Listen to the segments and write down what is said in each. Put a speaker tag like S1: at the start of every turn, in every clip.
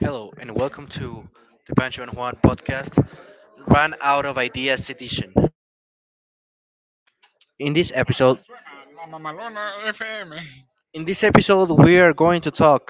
S1: Hello, and welcome to the Pancho and Juan podcast, Run Out of Ideas edition. In this episode, Mamalona FM. In this episode, we are going to talk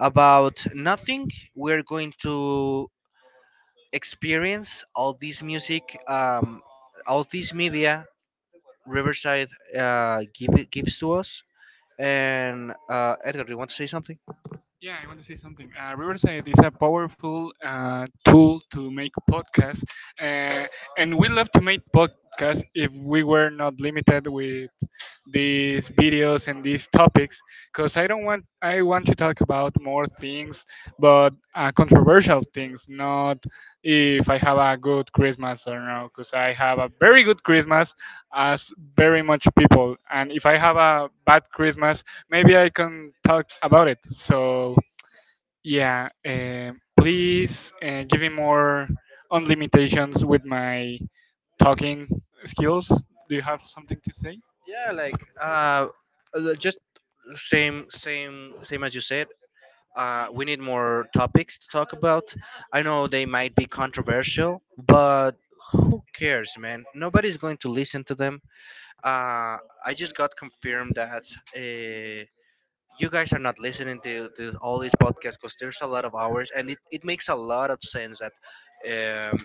S1: about nothing. We are going to experience all this music, all this media Riverside gives to us. And Edgar, do you want to say something? Yeah, I want to say something. Riverside is a powerful tool to make podcasts, uh, and we love to make podcasts if we were not limited with these videos and these topics. Because I don't want, I want to talk about more things, but controversial things. Not if I have a good Christmas or no, because I have a very good Christmas, as very much people, and if I have a bad Christmas, maybe I can talk about it. So yeah, please give me more on limitations with my talking skills. Do you have something to say? Yeah, like just same as you said. We need more topics to talk about. I know they might be controversial, but who cares, man? Nobody's going to listen to them. Uh, I just got confirmed that uh, you guys are not listening to all these podcasts because there's a lot of hours and it makes a lot of sense um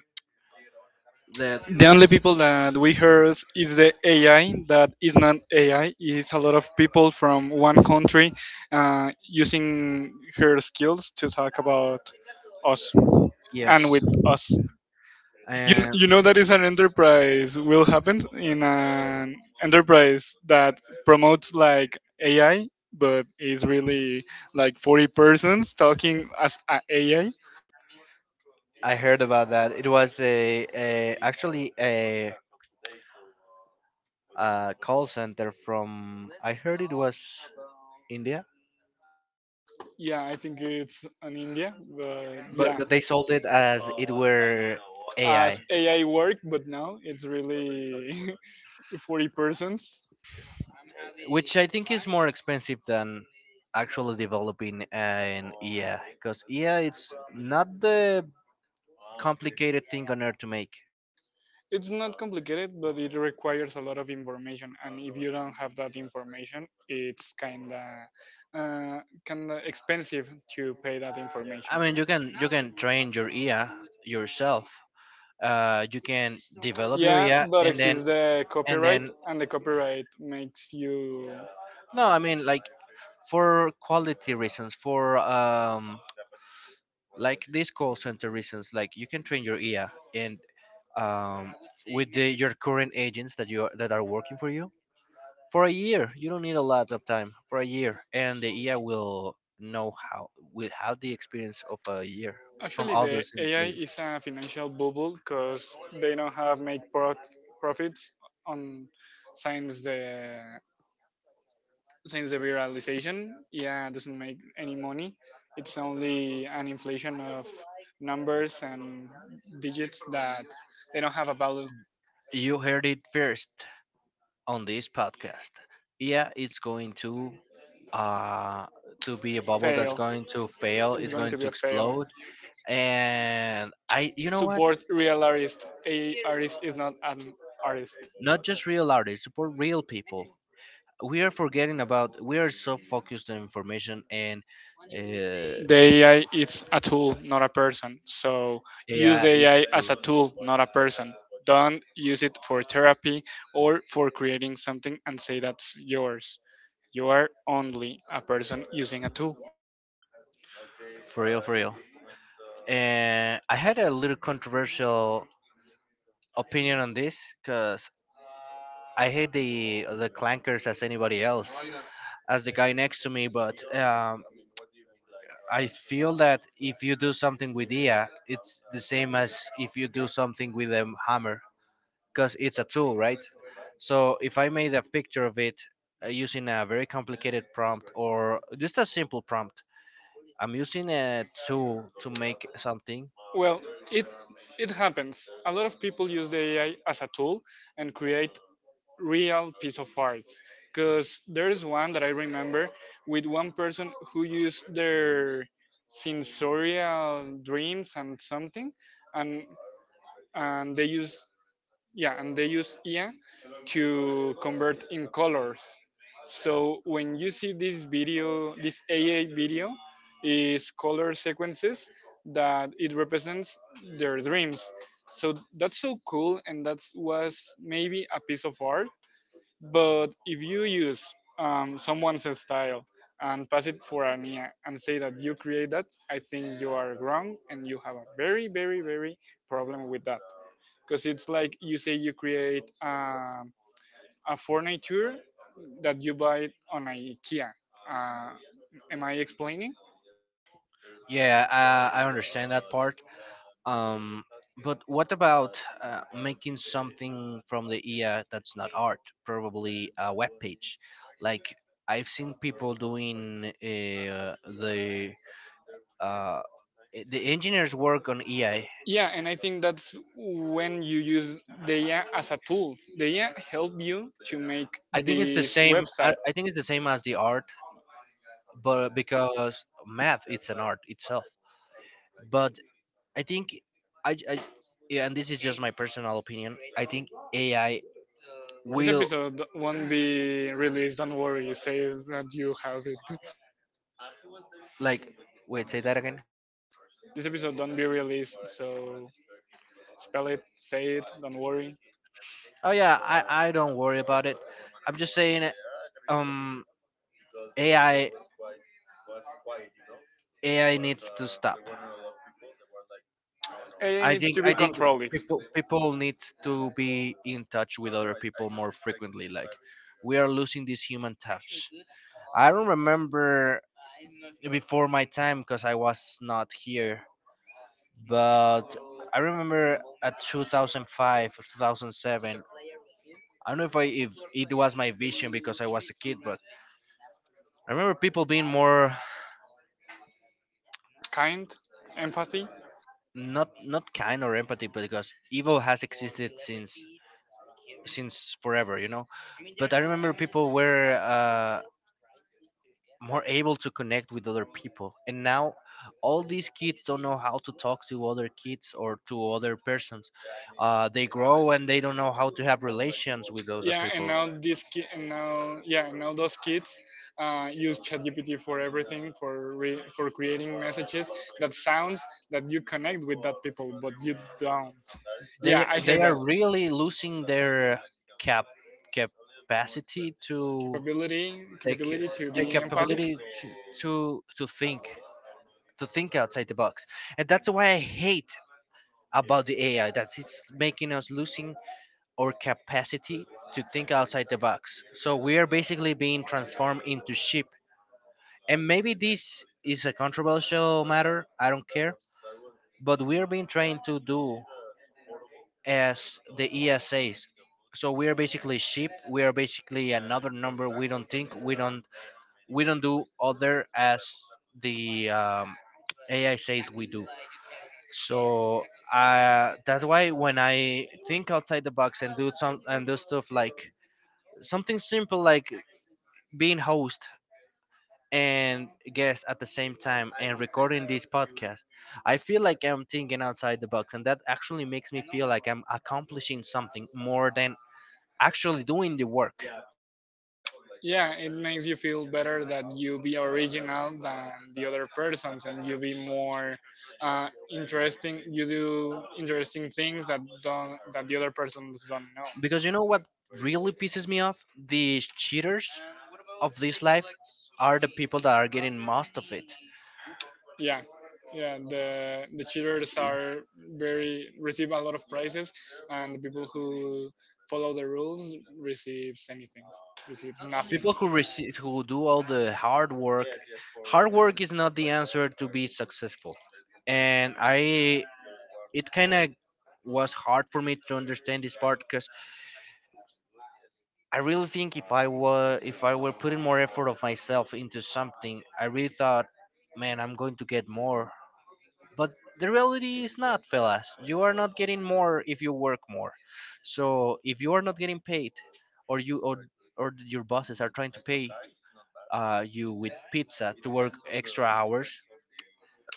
S1: that
S2: The only people that we heard is the AI that is not AI. It's a lot of people from one country using her skills to talk about us and
S1: yes.
S2: with us. You, kn-
S1: And
S2: you know that is an enterprise will happen in an enterprise that promotes like AI, but is really like 40 persons talking as a AI.
S1: I heard about that. It was the actually a call center from, I heard it was India.
S2: Yeah, I think it's in India, but
S1: but,
S2: yeah.
S1: but they sold it as it were
S2: As
S1: AI,
S2: AI work, but now it's really 40 persons.
S1: which I think is more expensive than actually developing an EA, because EA it's not the complicated thing on earth to make.
S2: It's not complicated, but it requires a lot of information, and if you don't have that information, it's kinda kinda expensive to pay that
S1: I
S2: information.
S1: mean, you can train your ear yourself. You can develop your ear,
S2: Yeah, but
S1: and then
S2: exists the
S1: and
S2: copyright,
S1: then
S2: and the copyright makes you.
S1: no, I mean like for quality reasons, for like these call center reasons, like you can train your ear, and um with your current agents that that are working for you for a year. You don't need a lot of time for a year, and the ear will know how will have the experience of a year from
S2: Actually,
S1: all
S2: the
S1: those
S2: AI
S1: employees.
S2: is a financial bubble because they don't have make profits on since the since the viralization, yeah, it doesn't make any money. It's only an inflation of numbers and digits that they don't have a value.
S1: You heard it first on this podcast. Yeah, it's going uh to be a bubble that's
S2: Fail.
S1: going to fail,
S2: It's
S1: it's
S2: going
S1: going
S2: to be
S1: to
S2: a fail.
S1: explode. And I you know what?
S2: Support real artist. A artist is not an artist.
S1: Not just real artists, support real people. We are forgetting about we are so focused on information and uh,
S2: The AI is a tool, not a person. So use
S1: yeah,
S2: the
S1: it's a
S2: AI
S1: tool.
S2: as a tool, not a person. Don't use it for therapy or for creating something and say that's yours. You are only a person using a tool.
S1: For real, for real. And I had a little controversial opinion on this because I hate the clankers as anybody else, as the guy next to me. But I feel that if you do something with IA, it's the same as if you do something with a hammer because it's a tool, right? So if I made a picture of it using a very complicated prompt or just a simple prompt, I'm using a tool to make something.
S2: Well, it it happens. A lot of people use the AI as a tool and create real piece of art. Because there's one that I remember with one person who used their sensorial dreams and something, and they use, yeah, and they use ia to convert in colors. So when you see this video, this AI video is color sequences that it represents their dreams. So that's so cool, and that was maybe a piece of art. But if you use someone's style and pass it for an IA and say that you create that, I think you are wrong and you have a very, very, very problem with that, because it's like you say you create a furniture that you buy on IKEA. Uh, am I explaining?
S1: Yeah, I understand that part. Um, but what about making something from the IA that's not art, probably a web page? Like I've seen people doing the uh, the engineers work on EI.
S2: Yeah, and I think that's when you use Deia as a tool. Deia help you to make
S1: I think it's the
S2: this
S1: same.
S2: website.
S1: I think it's the same as the art, but because math it's an art itself. But I think I yeah, and this is just my personal opinion. I think AI
S2: This
S1: will
S2: episode won't be released. Don't worry. Say that you have it.
S1: like, wait, say that again.
S2: This episode don't be released. So spell it, say it. Don't worry.
S1: Oh yeah, I don't worry about it. I'm just saying um AI AI needs to stop.
S2: AI
S1: I
S2: needs
S1: think
S2: to
S1: I
S2: be
S1: think
S2: controlled.
S1: people need to be in touch with other people more frequently. Like we are losing this human touch. I don't remember before my time because I was not here, but I remember at 2005 or 2007. I don't know if it was my vision because I was a kid, but I remember people being more
S2: Kind, empathy,
S1: not not kind or empathy, because evil has existed since forever, you know. But I remember people were more able to connect with other people, and now all these kids don't know how to talk to other kids or to other persons. They grow and they don't know how to have relations with other
S2: yeah,
S1: people.
S2: and now this ki- and now yeah, now those kids use ChatGPT for everything, for for creating messages that sounds that you connect with that people, but you don't. Yeah,
S1: they
S2: I
S1: they
S2: hate
S1: are
S2: that.
S1: really losing their cap capacity to
S2: capability
S1: take
S2: capability to be
S1: take
S2: empathic.
S1: capability to to think, to think outside the box. And that's why I hate about the AI, that it's making us losing our capacity to think outside the box. So we are basically being transformed into sheep. And maybe this is a controversial matter, I don't care, but we are being trained to do as the ESAs. So we are basically sheep. We are basically another number. We don't think. We don't. We don't do other as the AI says we do. So that's why when I think outside the box and do stuff like something simple, like being host and guest at the same time and recording this podcast, I feel like I'm thinking outside the box, and that actually makes me feel like I'm accomplishing something more than actually doing the work.
S2: Yeah, it makes you feel better that you be original than the other persons, and you be more interesting. You do interesting things that don't, that the other persons don't know.
S1: Because you know what really pisses me off? The cheaters of this life are the people that are getting most of it.
S2: Yeah. Yeah, the cheaters are very receive a lot of prizes, and the people who follow the rules receives anything, receives nothing.
S1: People who receive who do all the hard work, hard work is not the answer to be successful. And I it kind of was hard for me to understand this part because I really think, if I were putting more effort of myself into something, I really thought, man, I'm going to get more. But the reality is not, fellas, you are not getting more if you work more. So if you are not getting paid, or you or your bosses are trying to pay you with pizza to work extra hours,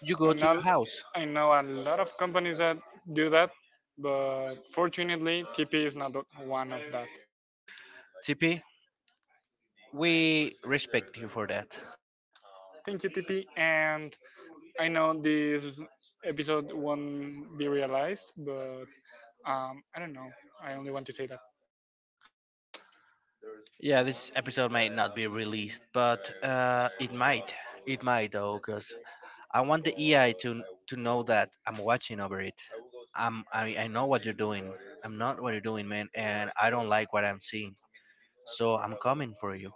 S1: you
S2: i
S1: go to
S2: know
S1: your house.
S2: I know a lot of companies that do that, but fortunately tp is not one of that.
S1: TP, we respect you for that.
S2: Thank you tp. And I know this episode won't be realized, but I don't know, I only want to say that
S1: Yeah, this episode might not be released, but it might. It might though, because I want the EI to know that I'm watching over it. I know what you're doing. I'm not what you're doing, man, and I don't like what I'm seeing. So I'm coming for you.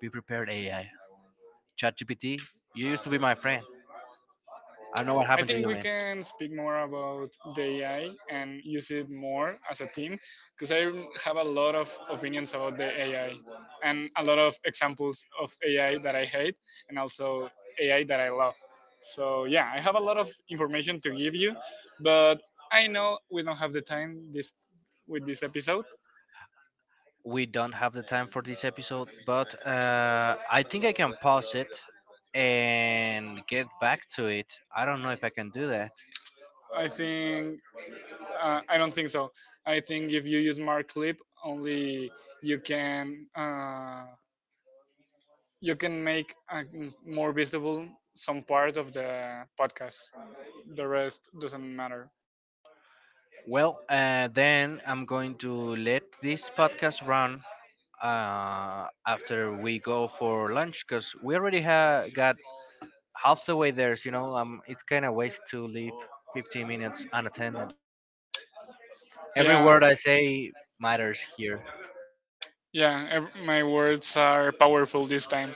S1: Be prepared, AI. ChatGPT, you used to be my friend. I don't know what
S2: I
S1: happened to
S2: think
S1: you,
S2: we
S1: man.
S2: can speak more about the AI and use it more as a team, because I have a lot of opinions about the AI and a lot of examples of AI that I hate, and also AI that I love. So, yeah, I have a lot of information to give you, but I know we don't have the time this with this episode.
S1: We don't have the time for this episode, but I think I can pause it and get back to it. I don't know if I can do that.
S2: I think I don't think so. I think if you use Mark Clip, only you can uh, you can make more visible some part of the podcast. The rest doesn't matter.
S1: Well, then I'm going to let this podcast run after we go for lunch, because we already got half the way there. You know, it's kind of waste to leave 15 minutes unattended. Every
S2: Yeah,
S1: word I say matters here.
S2: yeah, my words are powerful this time.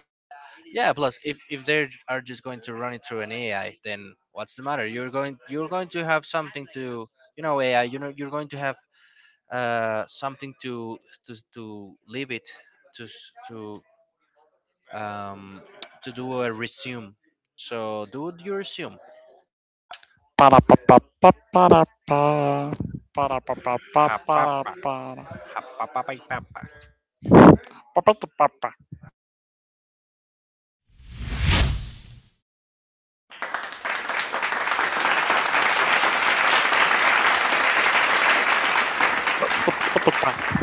S1: Yeah. Plus, if they are just going to run it through an AI, then what's the matter? You're going to have something to, you know, AI. You know you're going to have something to to leave it to s- to um, to do a resume. So do your resume.
S2: Pa-ra-pa-pa-pa-pa-ra-pa.
S1: Ha papa,
S2: Pa-ra-pa-pa-pa-pa-ra-pa.
S1: ha papa, pai, papa.
S2: Pa pa pa, ta pa pa.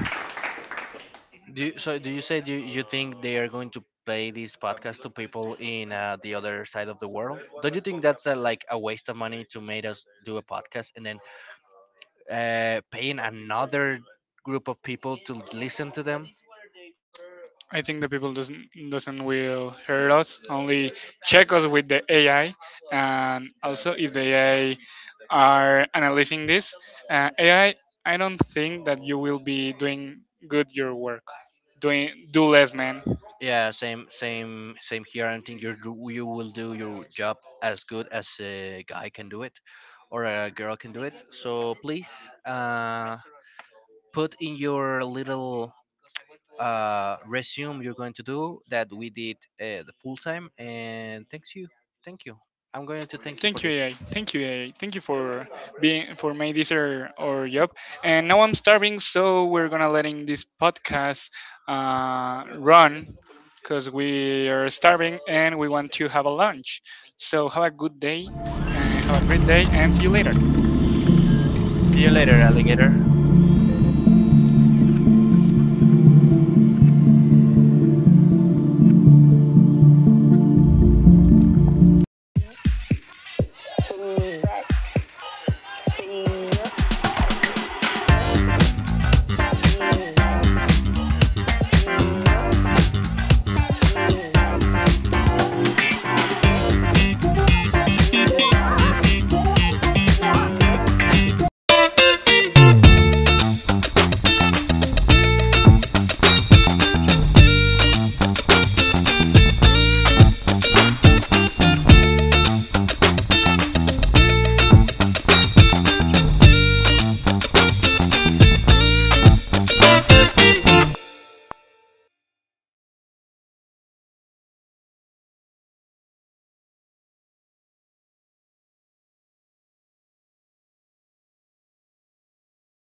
S1: Do you say do you you think they are going to play this podcast to people in the other side of the world? Don't you think that's a, like a waste of money to make us do a podcast and then paying another group of people to listen to them?
S2: I think the people doesn't will hear us. Only check us with the AI, and also if the AI are analyzing this AI, I don't think that you will be doing good your work. Doing do less, man.
S1: Yeah, same here. I don't think you will do your job as good as a guy can do it, or a girl can do it. So please, put in your little resume you're going to do that we did the full time. And thank you. I'm going to thank you for
S2: Thank you,
S1: this.
S2: AI. Thank you, AI. Thank you for being, for making this our job. And now I'm starving, so we're gonna letting this podcast run because we are starving and we want to have a lunch. So have a good day, and have a great day, and see you later.
S1: See you later, alligator.